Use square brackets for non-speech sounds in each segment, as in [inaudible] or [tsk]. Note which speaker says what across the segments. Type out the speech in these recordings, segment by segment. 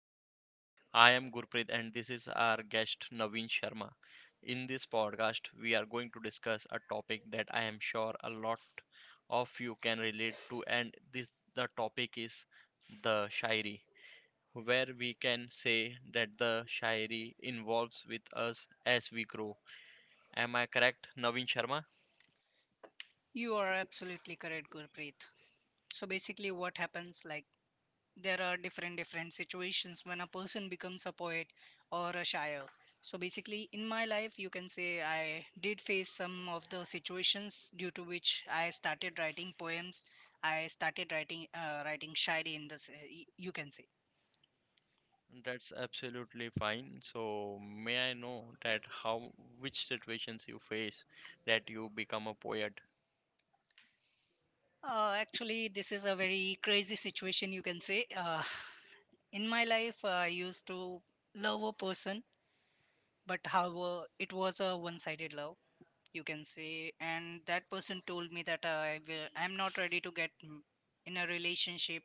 Speaker 1: Podcast. I am Gurpreet, and this is our guest Naveen Sharma. In this podcast, we are going to discuss a topic that I am sure a lot of you can relate to, and this the topic is the Shairi, where we can say that the Shairi involves with us as we grow. Am I correct, Naveen Sharma?
Speaker 2: You are absolutely correct, Gurpreet. So basically, what happens like there are different situations when a person becomes a poet or a shire. So basically, in my life, you can say I did face some of the situations due to which I started writing poems. I started writing writing shairi in this. You can say.
Speaker 1: That's absolutely fine. So, may I know that how which situations you face that you become a poet?
Speaker 2: Actually, this is a very crazy situation. You can say. In my life, I used to love a person. But however, it was a one-sided love, you can say. And that person told me that I'm not ready to get in a relationship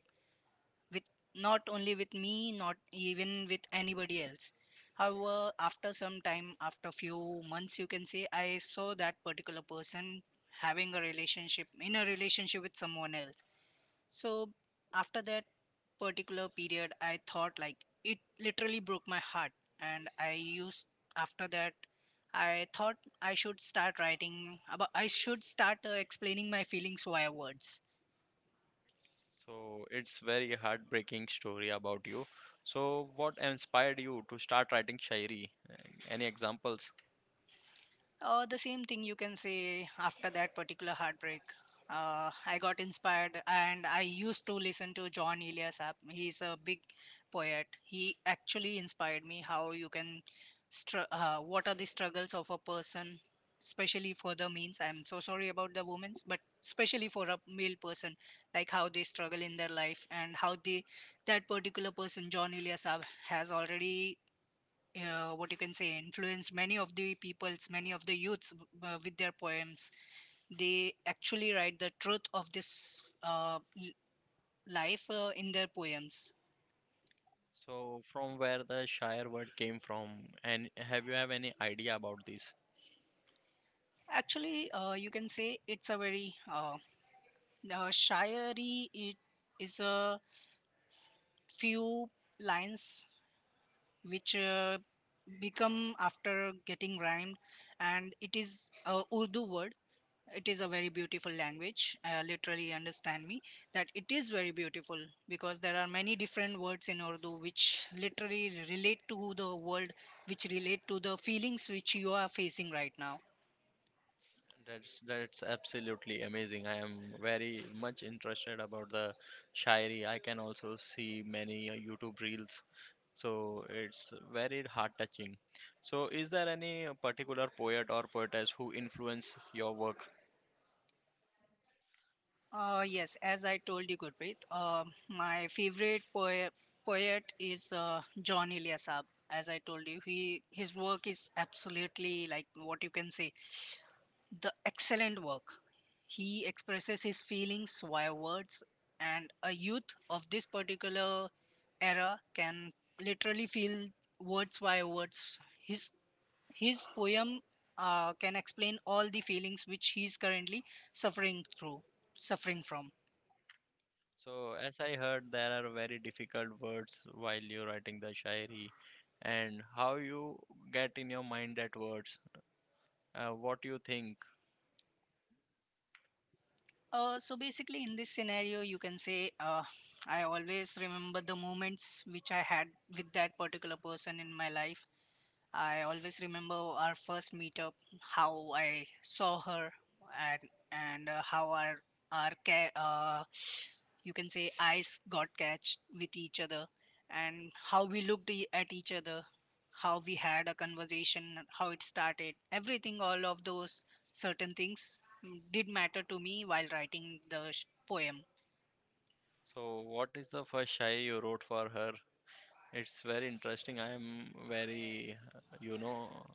Speaker 2: with, not only with me, not even with anybody else. However, after some time, after few months, you can say, I saw that particular person having a relationship in a relationship with someone else. So after that particular period, I thought like it literally broke my heart. And I used after that I thought I should start writing about I should start explaining my feelings via words.
Speaker 1: So, it's very heartbreaking story about you. So, what inspired you to start writing shairi? Any examples?
Speaker 2: The same thing, you can say, after that particular heartbreak. I got inspired and I used to listen to John Eliasap. He's a big poet. He actually inspired me how you can, what are the struggles of a person, especially for the means. I'm so sorry about the women's, but especially for a male person, like how they struggle in their life and how they, that particular person, John Eliasap, has already what you can say influenced many of the peoples, many of the youths w- with their poems. They actually write the truth of this life in their poems.
Speaker 1: So, from where the shair word came from, and have you have any idea about this?
Speaker 2: Actually, you can say it's a very shayari. It is a few lines which become after getting rhymed, and it is a Urdu word. It is a very beautiful language, literally understand me that it is very beautiful, because there are many different words in Urdu which literally relate to the world, which relate to the feelings which you are facing right now.
Speaker 1: That's absolutely amazing. I am very much interested about the Shairi. I can also see many YouTube reels, so it's very heart touching. So, is there any particular poet or poetess who influence your work?
Speaker 2: Yes, as I told you, Gurpreet, my favorite poet is John Eliasab. As I told you, he, his work is absolutely like, what you can say, the excellent work. He expresses his feelings via words, and a youth of this particular era can literally feel words via words. His his poem can explain all the feelings which he is currently suffering through, suffering from.
Speaker 1: So, as I heard, there are very difficult words while you're writing the Shairi, and how you get in your mind that words. What you think?
Speaker 2: So basically, in this scenario, you can say, I always remember the moments which I had with that particular person in my life. I always remember our first meetup, how I saw her, and how our our ca- uh, you can say, eyes got catched with each other, and how we looked at each other, how we had a conversation, how it started, everything. All of those certain things did matter to me while writing the poem.
Speaker 1: So, what is the first Shairi you wrote for her? It's very interesting. I am very, you know,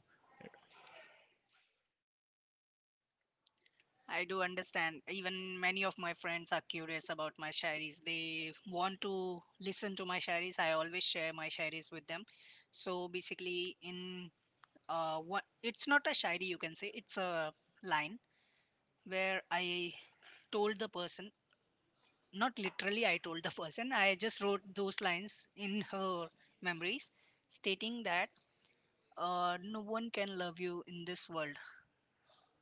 Speaker 2: I do understand. Even many of my friends are curious about my shairis. They want to listen to my shairis. I always share my shairis with them. So basically, in what it's not a shairi, you can say. It's a line where I told the person, not literally, I told the [laughs] person. I just wrote those lines in her memories, stating that no one can love you in this world.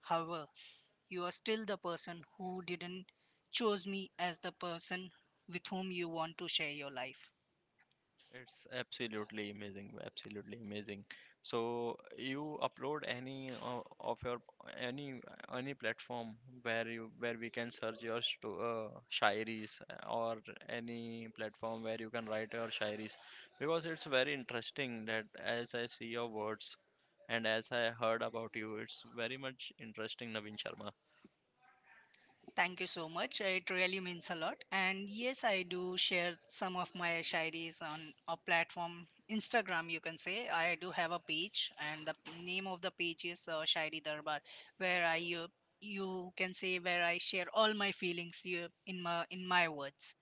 Speaker 2: However, you are still the person who didn't chose me as the person with whom you want to share your life.
Speaker 1: it's absolutely amazing, absolutely amazing. So you upload of your any any platform where you where we can search your sto shairis or any platform where you can write your shairis because it's very interesting that as I see your words and as I heard about you, it's very much interesting, Naveen Sharma.
Speaker 2: Thank you so much. It really means a lot. And yes, I do share some of my shairis on a platform, Instagram, you can say. I do have a page, and the name of the page is Shairi Darbar, where I, you can say, where I share all my feelings in my words.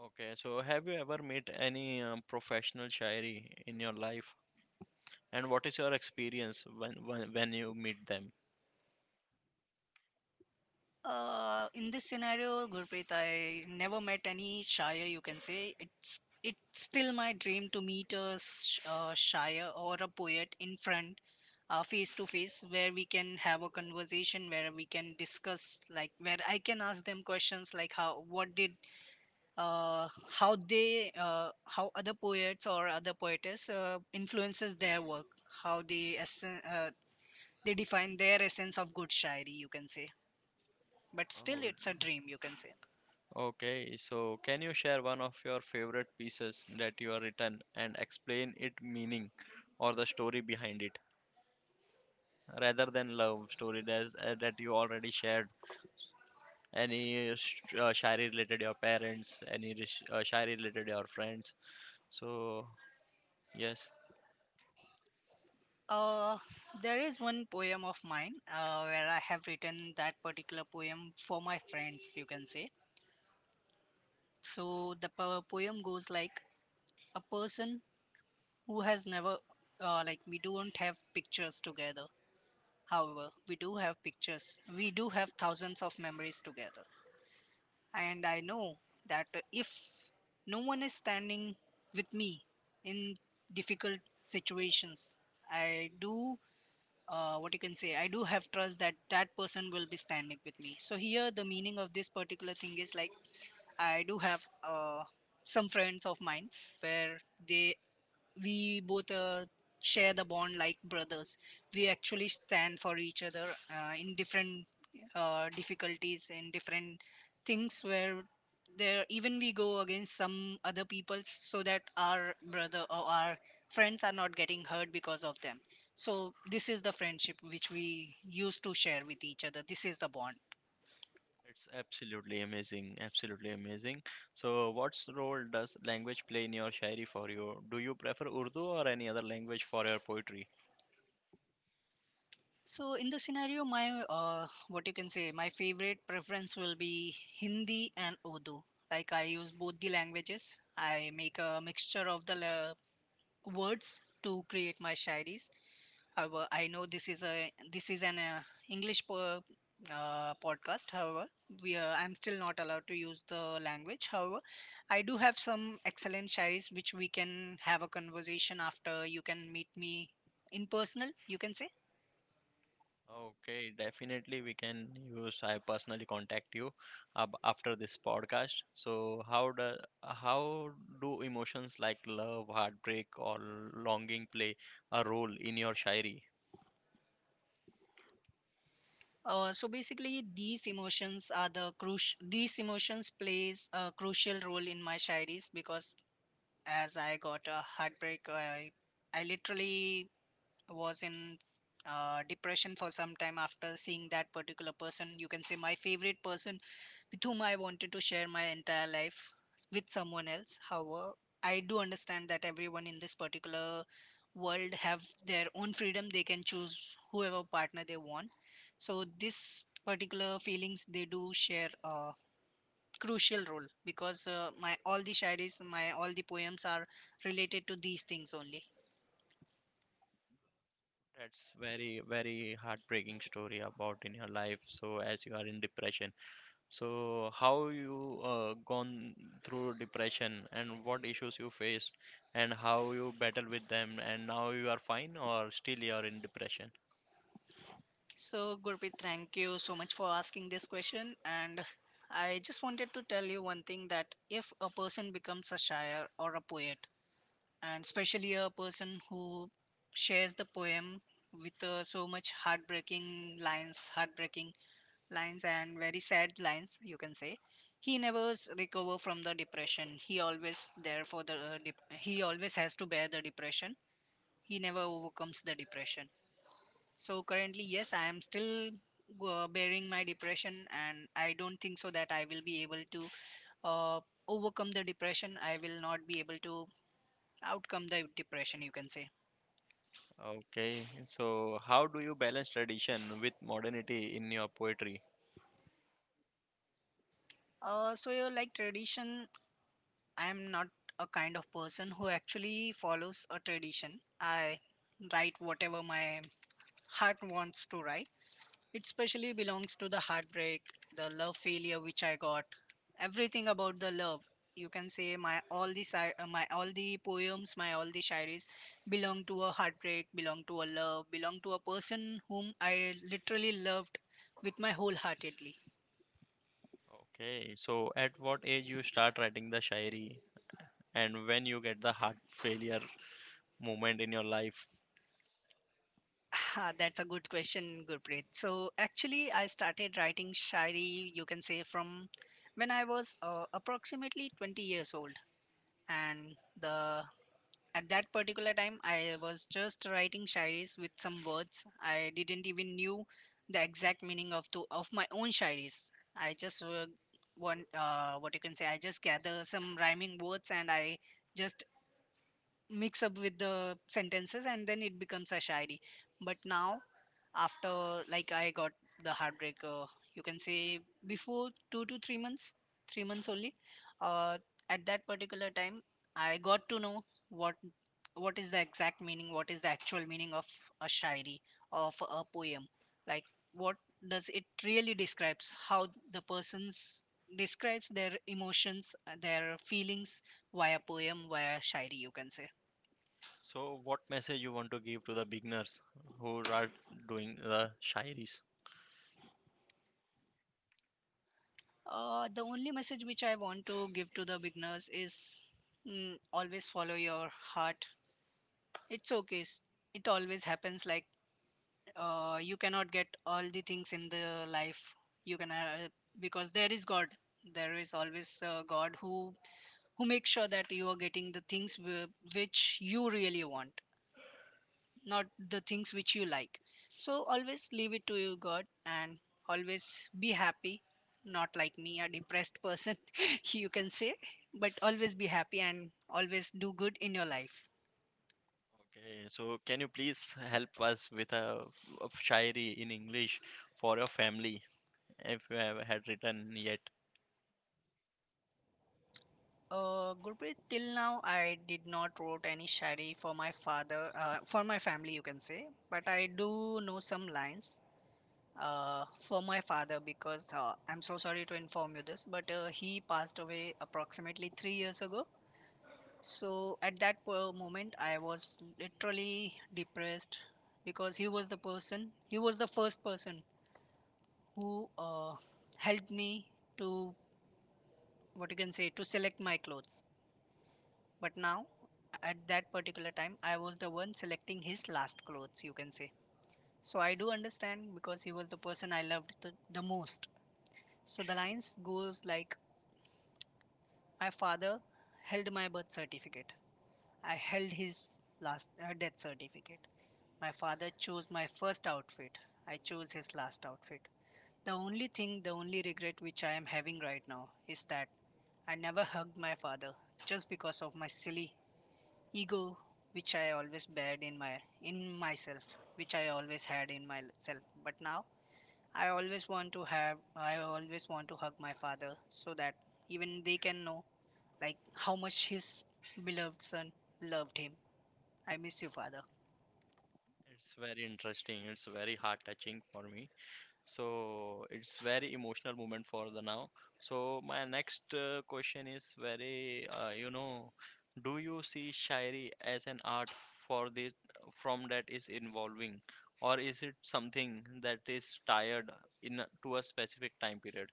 Speaker 1: Okay, so have you ever met any professional shairi in your life? And what is your experience when you meet them?
Speaker 2: In this scenario, Gurpreet, I never met any Shire, you can say. It's still my dream to meet a Shire or a poet in front, face to face, where we can have a conversation, where we can discuss, like where I can ask them questions like how, how they, how other poets or other poetess influences their work, how they, they define their essence of good Shairi, you can say. But still, it's a
Speaker 1: Oh,
Speaker 2: dream, you can say.
Speaker 1: okay, so can you share one of your favorite pieces that you have written and explain its meaning or the story behind it, rather than love story that, that you already shared? Any shairi related your parents, any shairi related your friends? So yes.
Speaker 2: Uh, there is one poem of mine where I have written that particular poem for my friends, you can say. So the poem goes like a person who has never, like, we don't have pictures together. However, we do have pictures. We do have thousands of memories together. And I know that if no one is standing with me in difficult situations, I do, what you can say I do have trust that that person will be standing with me. So here the meaning of this particular thing is like, I do have some friends of mine where they, we both share the bond like brothers. We actually stand for each other in different difficulties and different things, where there even we go against some other people so that our brother or our friends are not getting hurt because of them. So this is the friendship which we used to share with each other. This is the bond.
Speaker 1: It's absolutely amazing, absolutely amazing. So, what's role does language play in your shairi for you? Do you prefer Urdu or any other language for your poetry?
Speaker 2: So in this scenario, my, what you can say, my favorite preference will be Hindi and Urdu. Like, I use both the languages. I make a mixture of the words to create my shairis. However, I know this is a this is an English podcast. However, we I'm still not allowed to use the language. However, I do have some excellent shairis which we can have a conversation after. You can meet me in personal. You can say.
Speaker 1: Okay, definitely we can use. I personally contact you ab after this podcast. So how do emotions like love, heartbreak, or longing play a role in your shairi?
Speaker 2: So basically, these emotions are the crucial. These emotions plays a crucial role in my shairis, because as I got a heartbreak, I literally was in depression for some time after seeing that particular person. You can say, my favorite person with whom I wanted to share my entire life, with someone else. However, I do understand that everyone in this particular world have their own freedom. They can choose whoever partner they want. So this particular feelings, they do share a crucial role because my all the shairis, my all the poems are related to these things only.
Speaker 1: That's very very heartbreaking story about in your life. So as you are in depression, so, how you gone through depression and what issues you faced and how you battle with them and now you are fine or still you are in depression?
Speaker 2: So, Gurpreet, thank you so much for asking this question. And I just wanted to tell you one thing, that if a person becomes a shire or a poet, and especially a person who shares the poem with so much heartbreaking lines, and very sad lines, you can say, he never recover from the depression. He always there for the, he always has to bear the depression. He never overcomes the depression. So currently, yes, I am still bearing my depression, and I don't think so that I will be able to uh, overcome the depression. I will not be able to outcome the depression, you can say.
Speaker 1: Okay. So, how do you balance tradition with modernity in your poetry?
Speaker 2: So you like tradition. I am not a kind of person who actually follows a tradition. I write whatever my heart wants to write. It specially belongs to the heartbreak, the love failure which I got, everything about the love. You can say, my all the my all the poems, my all the shairis belong to a heartbreak, belong to a love, belong to a person whom I literally loved with my wholeheartedly.
Speaker 1: Okay. So, at what age you start writing the shairi and when you get the heart failure moment in your life?
Speaker 2: Ah, that's a good question, Gurpreet. So actually, I started writing shairi, you can say, from when I was approximately 20 years old, and the at that particular time, I was just writing shairis with some words. I didn't even knew the exact meaning of my own shairis. I just want what you can say. I just gather some rhyming words and I just mix up with the sentences, and then it becomes a shairi. But now, after, like, I got the heartbreaker, you can say, before 2 to 3 months, 3 months only, uh, at that particular time, I got to know what what is the exact meaning, what is the actual meaning of a shairi, of a poem. Like, what does it really describes, how the persons describes their emotions, their feelings via poem, via shairi, you can say.
Speaker 1: So, what message you want to give to the beginners who are doing the shairis?
Speaker 2: The only message which I want to give to the beginners is, always follow your heart. It's okay. It always happens. Like, you cannot get all the things in the life. You can because there is God. There is always God who makes sure that you are getting the things which you really want, not the things which you like. So always leave it to you, God, and always be happy. Not like me, a depressed person, [laughs] you can say, but always be happy and always do good in your life.
Speaker 1: Okay, so can you please help us with a shairi in English for your family if you have had written yet?
Speaker 2: Gurpreet, till now I did not wrote any shairi for my father, for my family, you can say, but I do know some lines for my father because I'm so sorry to inform you this, but he passed away approximately 3 years ago. So at that moment, I was literally depressed because he was the person, he was the first person who helped me to, what you can say, to select my clothes. But now, at that particular time, I was the one selecting his last clothes, you can say. So I do understand because he was the person I loved the most. So the lines goes like, my father held my birth certificate. I held his last death certificate. My father chose my first outfit. I chose his last outfit. The only thing, the only regret which I am having right now is that I never hugged my father just because of my silly ego which I always bared in my in myself, which I always had in myself. But now I always want to hug my father so that even they can know like how much his beloved son loved him. I miss you, father.
Speaker 1: It's very interesting. It's very heart touching for me. So it's very emotional moment for the now. So my next question is very, you know, do you see shairi as an art for this from that is involving, or is it something that is tied to a specific time period?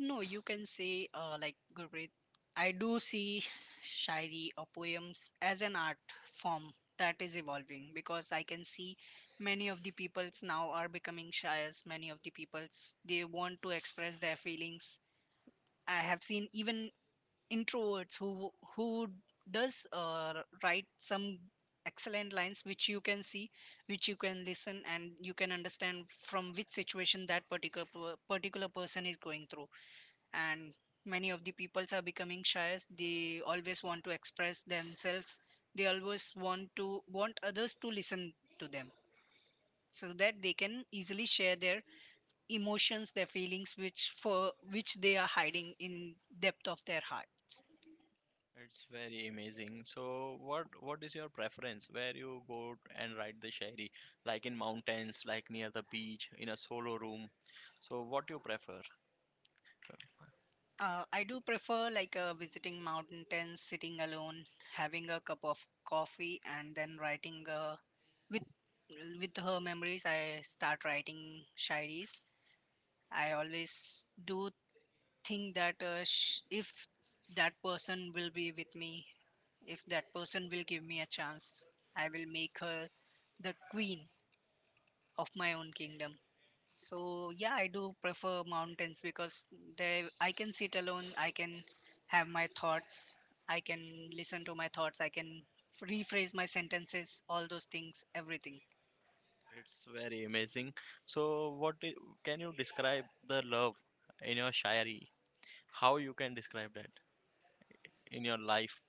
Speaker 2: No, you can say, like Gurpreet, I do see shairi or poems as an art form that is evolving because I can see many of the peoples now are becoming shayas. Many of the peoples, they want to express their feelings. I have seen even introverts who who does write some excellent lines which you can see, which you can listen and you can understand from which situation that particular person is going through, and many of the peoples are becoming shy. They always want to express themselves. They always want others to listen to them so that they can easily share their emotions, their feelings, which for which they are hiding in depth of their hearts.
Speaker 1: It's very amazing. So, what is your preference? Where you go and ride the Shairi? Like in mountains, like near the beach, in a solo room. So, what you prefer?
Speaker 2: I do prefer like visiting mountain tents, sitting alone, having a cup of coffee, and then writing with her memories. I start writing shairis. I always do think that if that person will be with me, if that person will give me a chance, I will make her the queen of my own kingdom. So yeah, I do prefer mountains because they I can sit alone, I can have my thoughts, I can listen to my thoughts, I can rephrase my sentences, all those things, everything.
Speaker 1: It's very amazing. So, can you describe the love in your Shairi? How you can describe that in your life?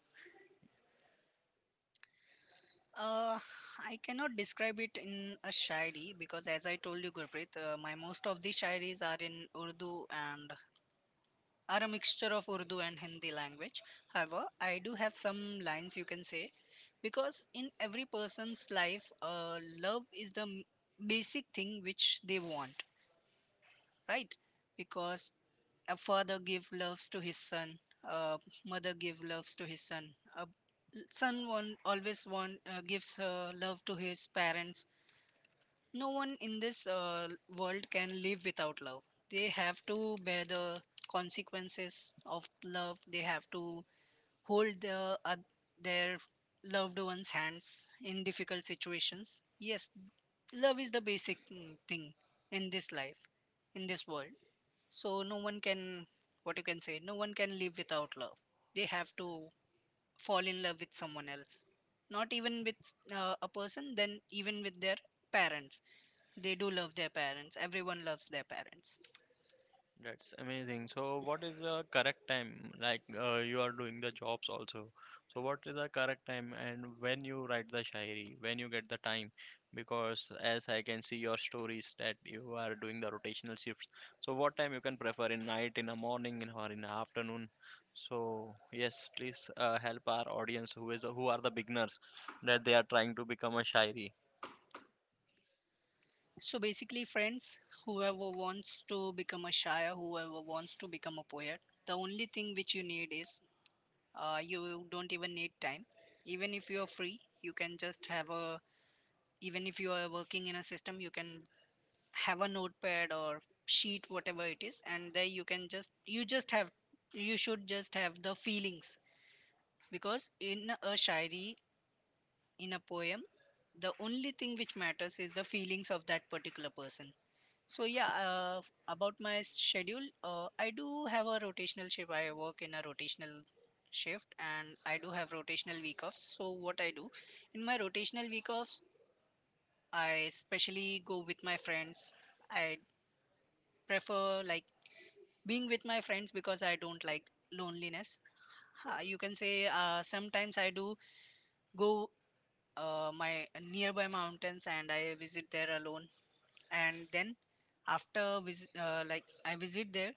Speaker 2: Uh, I cannot describe it in a shairi because, as I told you, Gurpreet, my most of the shairis are in Urdu and are a mixture of Urdu and Hindi language. However, I do have some lines, you can say, because in every person's life, love is the basic thing which they want, right? Because a father give loves to his son, a mother give loves to his son, a son one always want gives love to his parents. No one in this world can live without love. They have to bear the consequences of love. They have to hold their loved ones' hands in difficult situations. Yes, love is the basic thing in this life, in this world. So no one can, what you can say, no one can live without love. They have to fall in love with someone else. Not even with a person, then even with their parents. They do love their parents. Everyone loves their parents.
Speaker 1: That's amazing. So, what is the correct time? Like, you are doing the jobs also. So, what is the correct time and when you write the shairi, when you get the time? Because as I can see your stories that you are doing the rotational shifts. So, what time you can prefer in night, in the morning, in or in the afternoon? So, yes, please help our audience who are the beginners that they are trying to become a shairi.
Speaker 2: So basically, friends, whoever wants to become a shire, whoever wants to become a poet, the only thing which you need is you don't even need time. Even if you are free, you can just have a, even if you are working in a system, you can have a notepad or sheet, whatever it is, and there you can you just you should just have the feelings. Because in a shairi, in a poem, the only thing which matters is the feelings of that particular person. So yeah, about my schedule, I do have a rotational shift. I work in a rotational shift, and I do have rotational week offs. So what I do in my rotational week offs, I especially go with my friends. I prefer like being with my friends because I don't like loneliness. Ha, you can say, sometimes I do go my nearby mountains and I visit there alone, and then after visit, like I visit there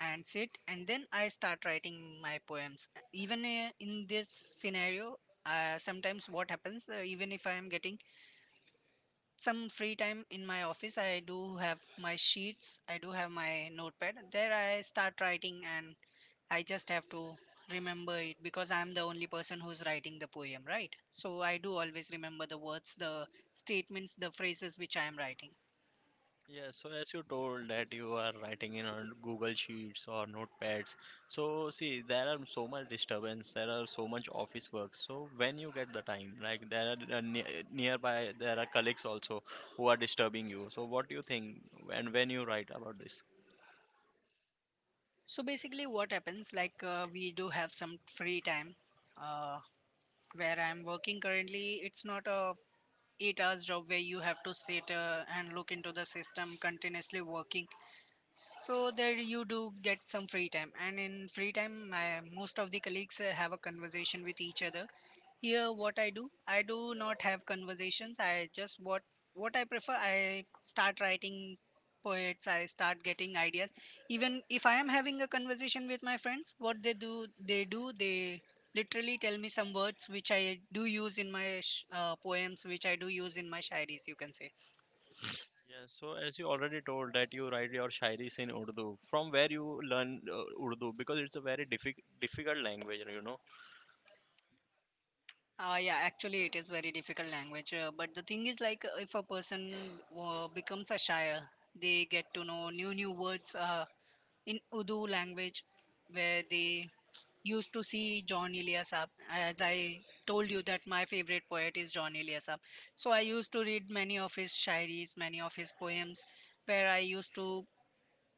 Speaker 2: and sit, and then I start writing my poems. Even in this scenario, sometimes what happens, even if I am getting some free time in my office, I do have my sheets, I do have my notepad. There I start writing, and I just have to remember it because I'm the only person who's writing the poem, right? So I do always remember the words, the statements, the phrases which I am writing.
Speaker 1: Yeah, so as you told that you are writing in on Google Sheets or notepads, so see there are so much disturbance, there are so much office work. So when you get the time, like there are nearby, there are colleagues also who are disturbing you. So what do you think, and when you write about this?
Speaker 2: So basically, what happens like we do have some free time. Uh, where I'm working currently, it's not a 8 hours job where you have to sit and look into the system continuously working. So there you do get some free time, and in free time, most of the colleagues have a conversation with each other. Here, what I do not have conversations. I just what I prefer. I start writing poets. I start getting ideas. Even if I am having a conversation with my friends, what they do, they literally tell me some words which I do use in my poems, which I do use in my shairis. You can say.
Speaker 1: Yeah, so as you already told that you write your shairis in Urdu, from where you learn Urdu because it's a very difficult language, you know.
Speaker 2: Yeah, actually, it is very difficult language. But the thing is, like, if a person becomes a shyer, they get to know new words. In Urdu language, where they used to see John Eliasab. As I told you that my favorite poet is John Eliasab, so I used to read many of his shairis, many of his poems, where I used to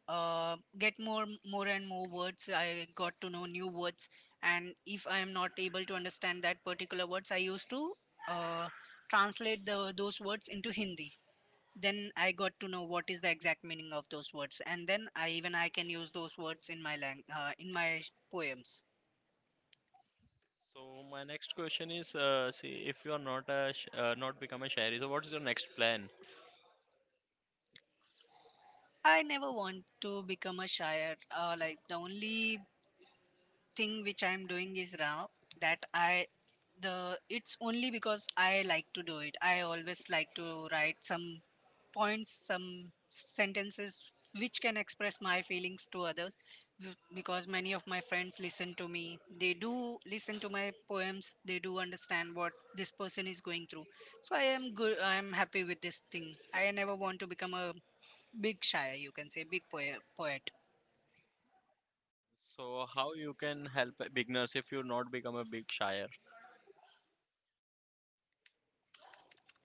Speaker 2: get more and more words. I got to know new words, and if I am not able to understand that particular words, I used to uh, translate the those words into Hindi. Then I got to know what is the exact meaning of those words, and then I can use those words in my in my poems.
Speaker 1: So my next question is, see, if you are not not become a shayari, so what is your next plan?
Speaker 2: I never want to become a shire, like the only thing which I'm doing is now that I the it's only because I like to do it. I always like to write some points, some sentences which can express my feelings to others, because many of my friends listen to me. They do listen to my poems. They do understand what this person is going through. So I am good. I am happy with this thing. I never want to become a big shire, you can say, big poet. Poet.
Speaker 1: So how you can help beginners if you not become a big shire?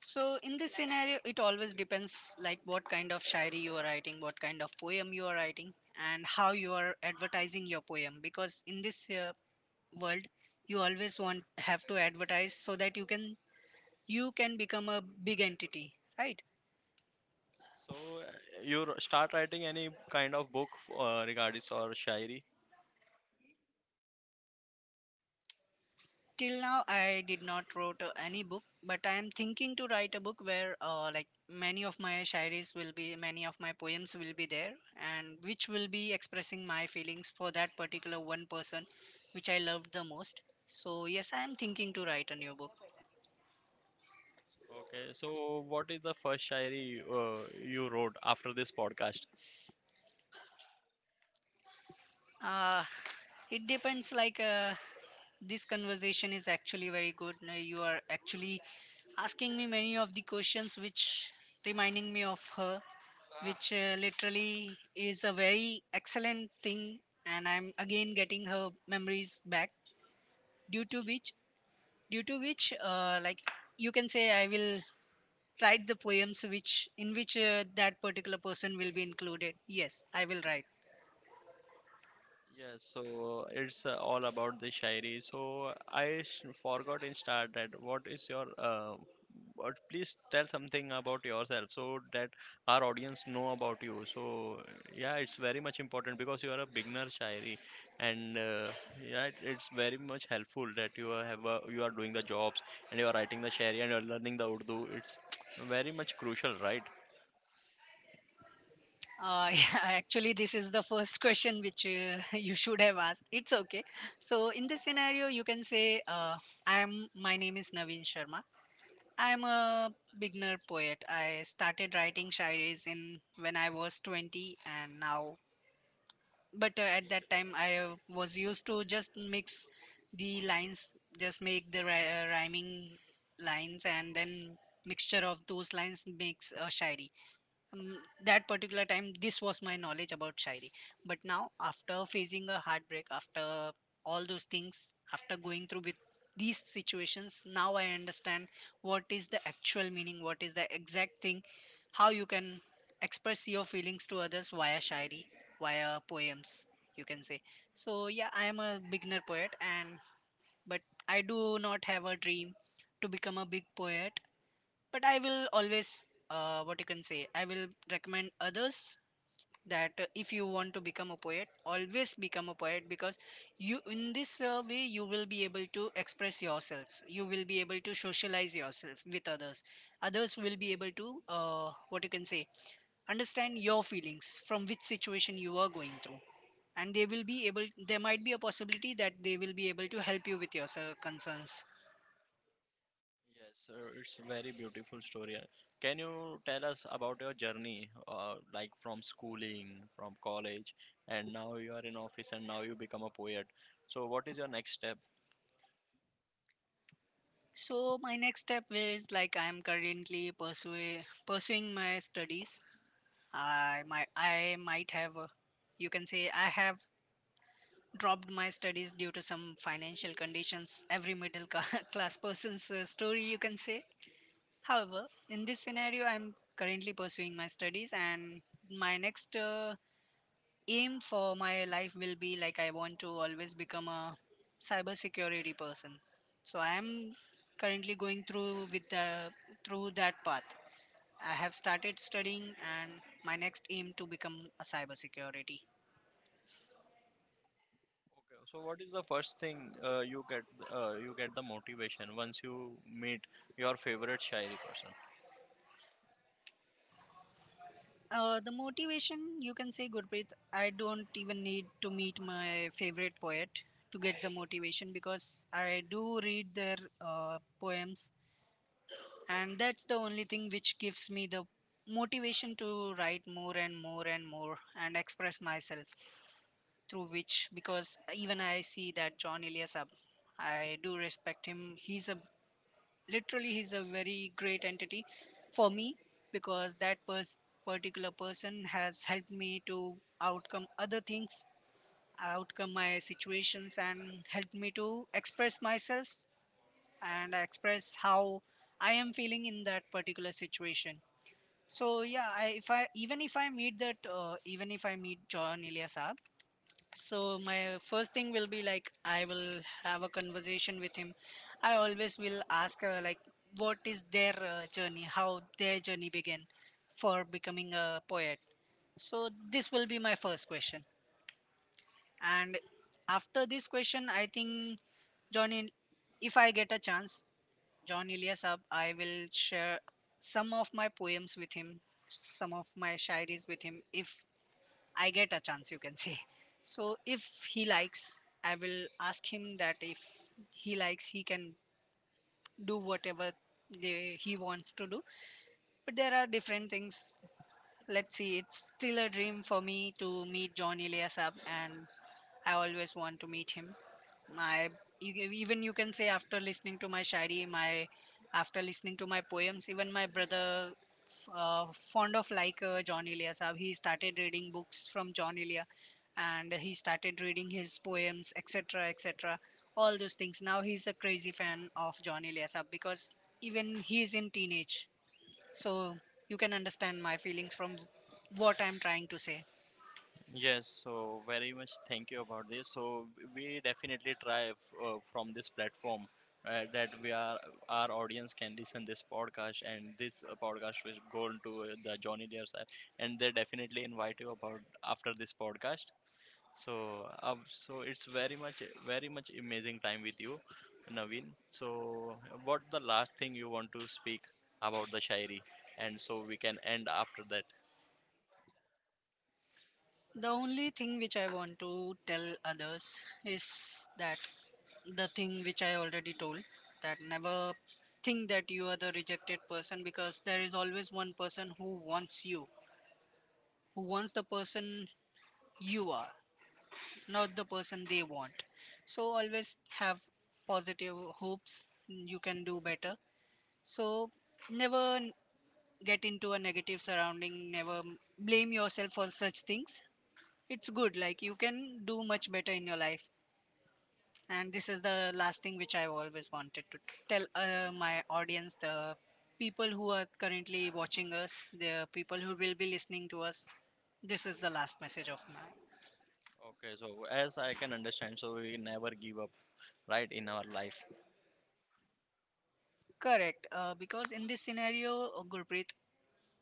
Speaker 2: So in this scenario, it always depends like what kind of shairi you are writing, what kind of poem you are writing, and how you are advertising your poem. Because in this world, you always want have to advertise so that you can become a big entity, right?
Speaker 1: So you start writing any kind of book regarding or shayari.
Speaker 2: Till now, I did not wrote any book, but I am thinking to write a book where, like many of my shairis will be, many of my poems will be there, and which will be expressing my feelings for that particular one person, which I loved the most. So yes, I am thinking to write a new book.
Speaker 1: Okay, so what is the first shayari you wrote after this podcast?
Speaker 2: Uh, it depends. Like this conversation is actually very good. Now you are actually asking me many of the questions, which reminding me of her, which literally is a very excellent thing, and I'm again getting her memories back, due to which due to which, like you can say, I will write the poems which in which that particular person will be included. Yes, I will write.
Speaker 1: Yes, so it's all about the shairi. So forgot in start that what is your what please tell something about yourself so that our audience know about you. So yeah, it's very much important because you are a beginner shairi, and yeah, it's very much helpful that you are doing the jobs and you are writing the shairi and you are learning the Urdu. It's [tsk] very much crucial, right?
Speaker 2: [laughs] Yeah, actually this is the first question which [laughs] you should have asked. It's okay. So in this scenario, you can say, I am my name is Naveen Sharma. I'm a beginner poet. I started writing shairis in when I was 20 and now but at that time I was used to just mix the lines, just make the rhyming lines, and then mixture of those lines makes a shairi. Mm, that particular time this was my knowledge about shairi. But now after facing a heartbreak, after all those things, after going through with these situations, now I understand what is the actual meaning, what is the exact thing, how you can express your feelings to others via shairi, via poems, you can say. So yeah, I am a beginner poet, and but I do not have a dream to become a big poet. But I will always, what you can say, I will recommend others that if you want to become a poet, always become a poet, because you in this way you will be able to express yourselves, you will be able to socialize yourself with others. Others will be able to, what you can say, understand your feelings, from which situation you are going through, and they will be able, there might be a possibility that they will be able to help you with your concerns.
Speaker 1: Yes, sir, it's a very beautiful story. Can you tell us about your journey, like from schooling, from college, and now you are in office and now you become a poet. So what is your next step?
Speaker 2: So my next step is like I'm currently pursuing my studies. I might have, you can say, I have dropped my studies due to some financial conditions. Every [laughs] class person's story, you can say. However, in this scenario, I'm currently pursuing my studies, and my next aim for my life will be like I want to always become a cybersecurity person. So I am currently going through with the through that path. I have started studying, and my next aim to become a cybersecurity.
Speaker 1: Okay, so what is the first thing you get the motivation once you meet your favorite shairi person?
Speaker 2: The motivation, you can say, Gurpreet, I don't even need to meet my favorite poet to get the motivation, because I do read their poems, and that's the only thing which gives me the motivation to write more and more and more and express myself through which, because even I see that John Eliasab, I do respect him, he's a, literally he's a very great entity for me, because that particular person has helped me to outcome other things, outcome my situations, and helped me to express myself and express how I am feeling in that particular situation. So yeah, if I, even if I meet that even if I meet John Ilyasab, so my first thing will be like I will have a conversation with him. I always will ask like what is their journey, how their journey began for becoming a poet. So this will be my first question. And after this question, I think John, Il- if I get a chance, John Ilyasab, I will share some of my poems with him, some of my shairis with him, if I get a chance, you can [laughs] say. So if he likes, I will ask him that if he likes, he can do whatever he wants to do. But there are different things. Let's see, it's still a dream for me to meet John Ilyasab, and I always want to meet him. My, even you can say, after listening to my shairi, my, after listening to my poems, even my brother fond of like John Elia Saab. He started reading books from John Elia, and he started reading his poems, etc., etc. All those things. Now he's a crazy fan of John Elia Saab because even he is in teenage. So you can understand my feelings from what I'm trying to say.
Speaker 1: Yes, so very much thank you about this. So we definitely try from this platform that we are our audience can listen this podcast and this podcast will go into the Johnny Depp side and they definitely invite you about after this podcast. So so it's very much amazing time with you, Naveen. So what the last thing you want to speak about the Shairi and so we can end after that.
Speaker 2: The only thing which I want to tell others is that the thing which I already told, that never think that you are the rejected person, because there is always one person who wants you, who wants the person you are, not the person they want. So always have positive hopes, you can do better. So never get into a negative surrounding, never blame yourself for such things. It's good. Like you can do much better in your life. And this is the last thing which I always wanted to tell, my audience, the people who are currently watching us, the people who will be listening to us. This is the last message of mine.
Speaker 1: Okay, so as I can understand, so we never give up, right, in our life.
Speaker 2: Correct. Because in this scenario, Gurpreet,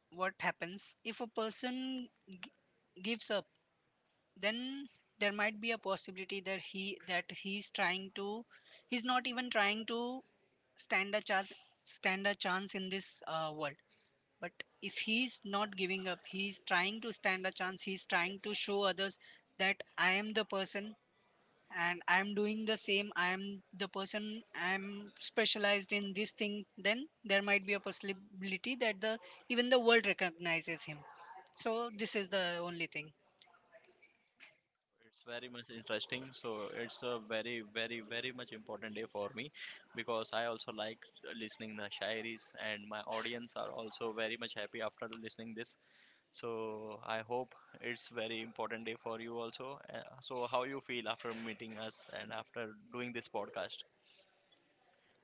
Speaker 2: what happens if a person gives up, then there might be a possibility that he that he's trying to, he's not even trying to stand a chance, stand a chance in this world. But if he's not giving up, he's trying to stand a chance, he's trying to show others that I am the person, and I am doing the same, I am the person I am, specialized in this thing, then there might be a possibility that the, even the world recognizes him. So this is the only thing.
Speaker 1: It's very much interesting. So it's a very, very, very much important day for me because I also like listening the shairis and my audience are also very much happy after listening this. So I hope it's very important day for you also. So how you feel after meeting us and after doing this podcast?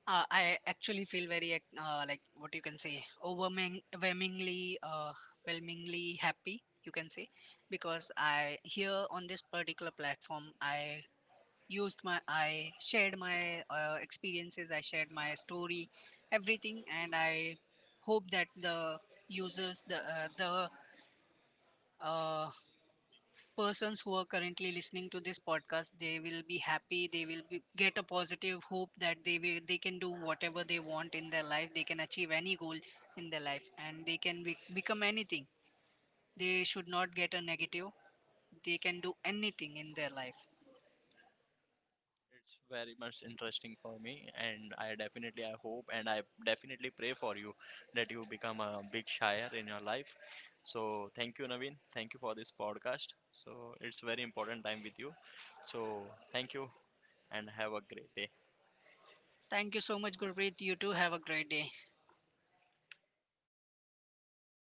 Speaker 2: I actually feel very like what you can say overwhelming, overwhelmingly, overwhelmingly happy, you can say, because I here on this particular platform, I used my, I shared my experiences, I shared my story, everything, and I hope that the users, the uh, persons who are currently listening to this podcast, they will be happy, they will be, get a positive hope, that they will, they can do whatever they want in their life, they can achieve any goal in their life, and they can be, become anything, they should not get a negative, they can do anything in their life.
Speaker 1: It's very much interesting for me, and I definitely I hope and I definitely pray for you that you become a big shire in your life. So thank you, Naveen. Thank you for this podcast. So it's very important time with you. So thank you and have a great day.
Speaker 2: Thank you so much, Gurpreet, you too, have a great day.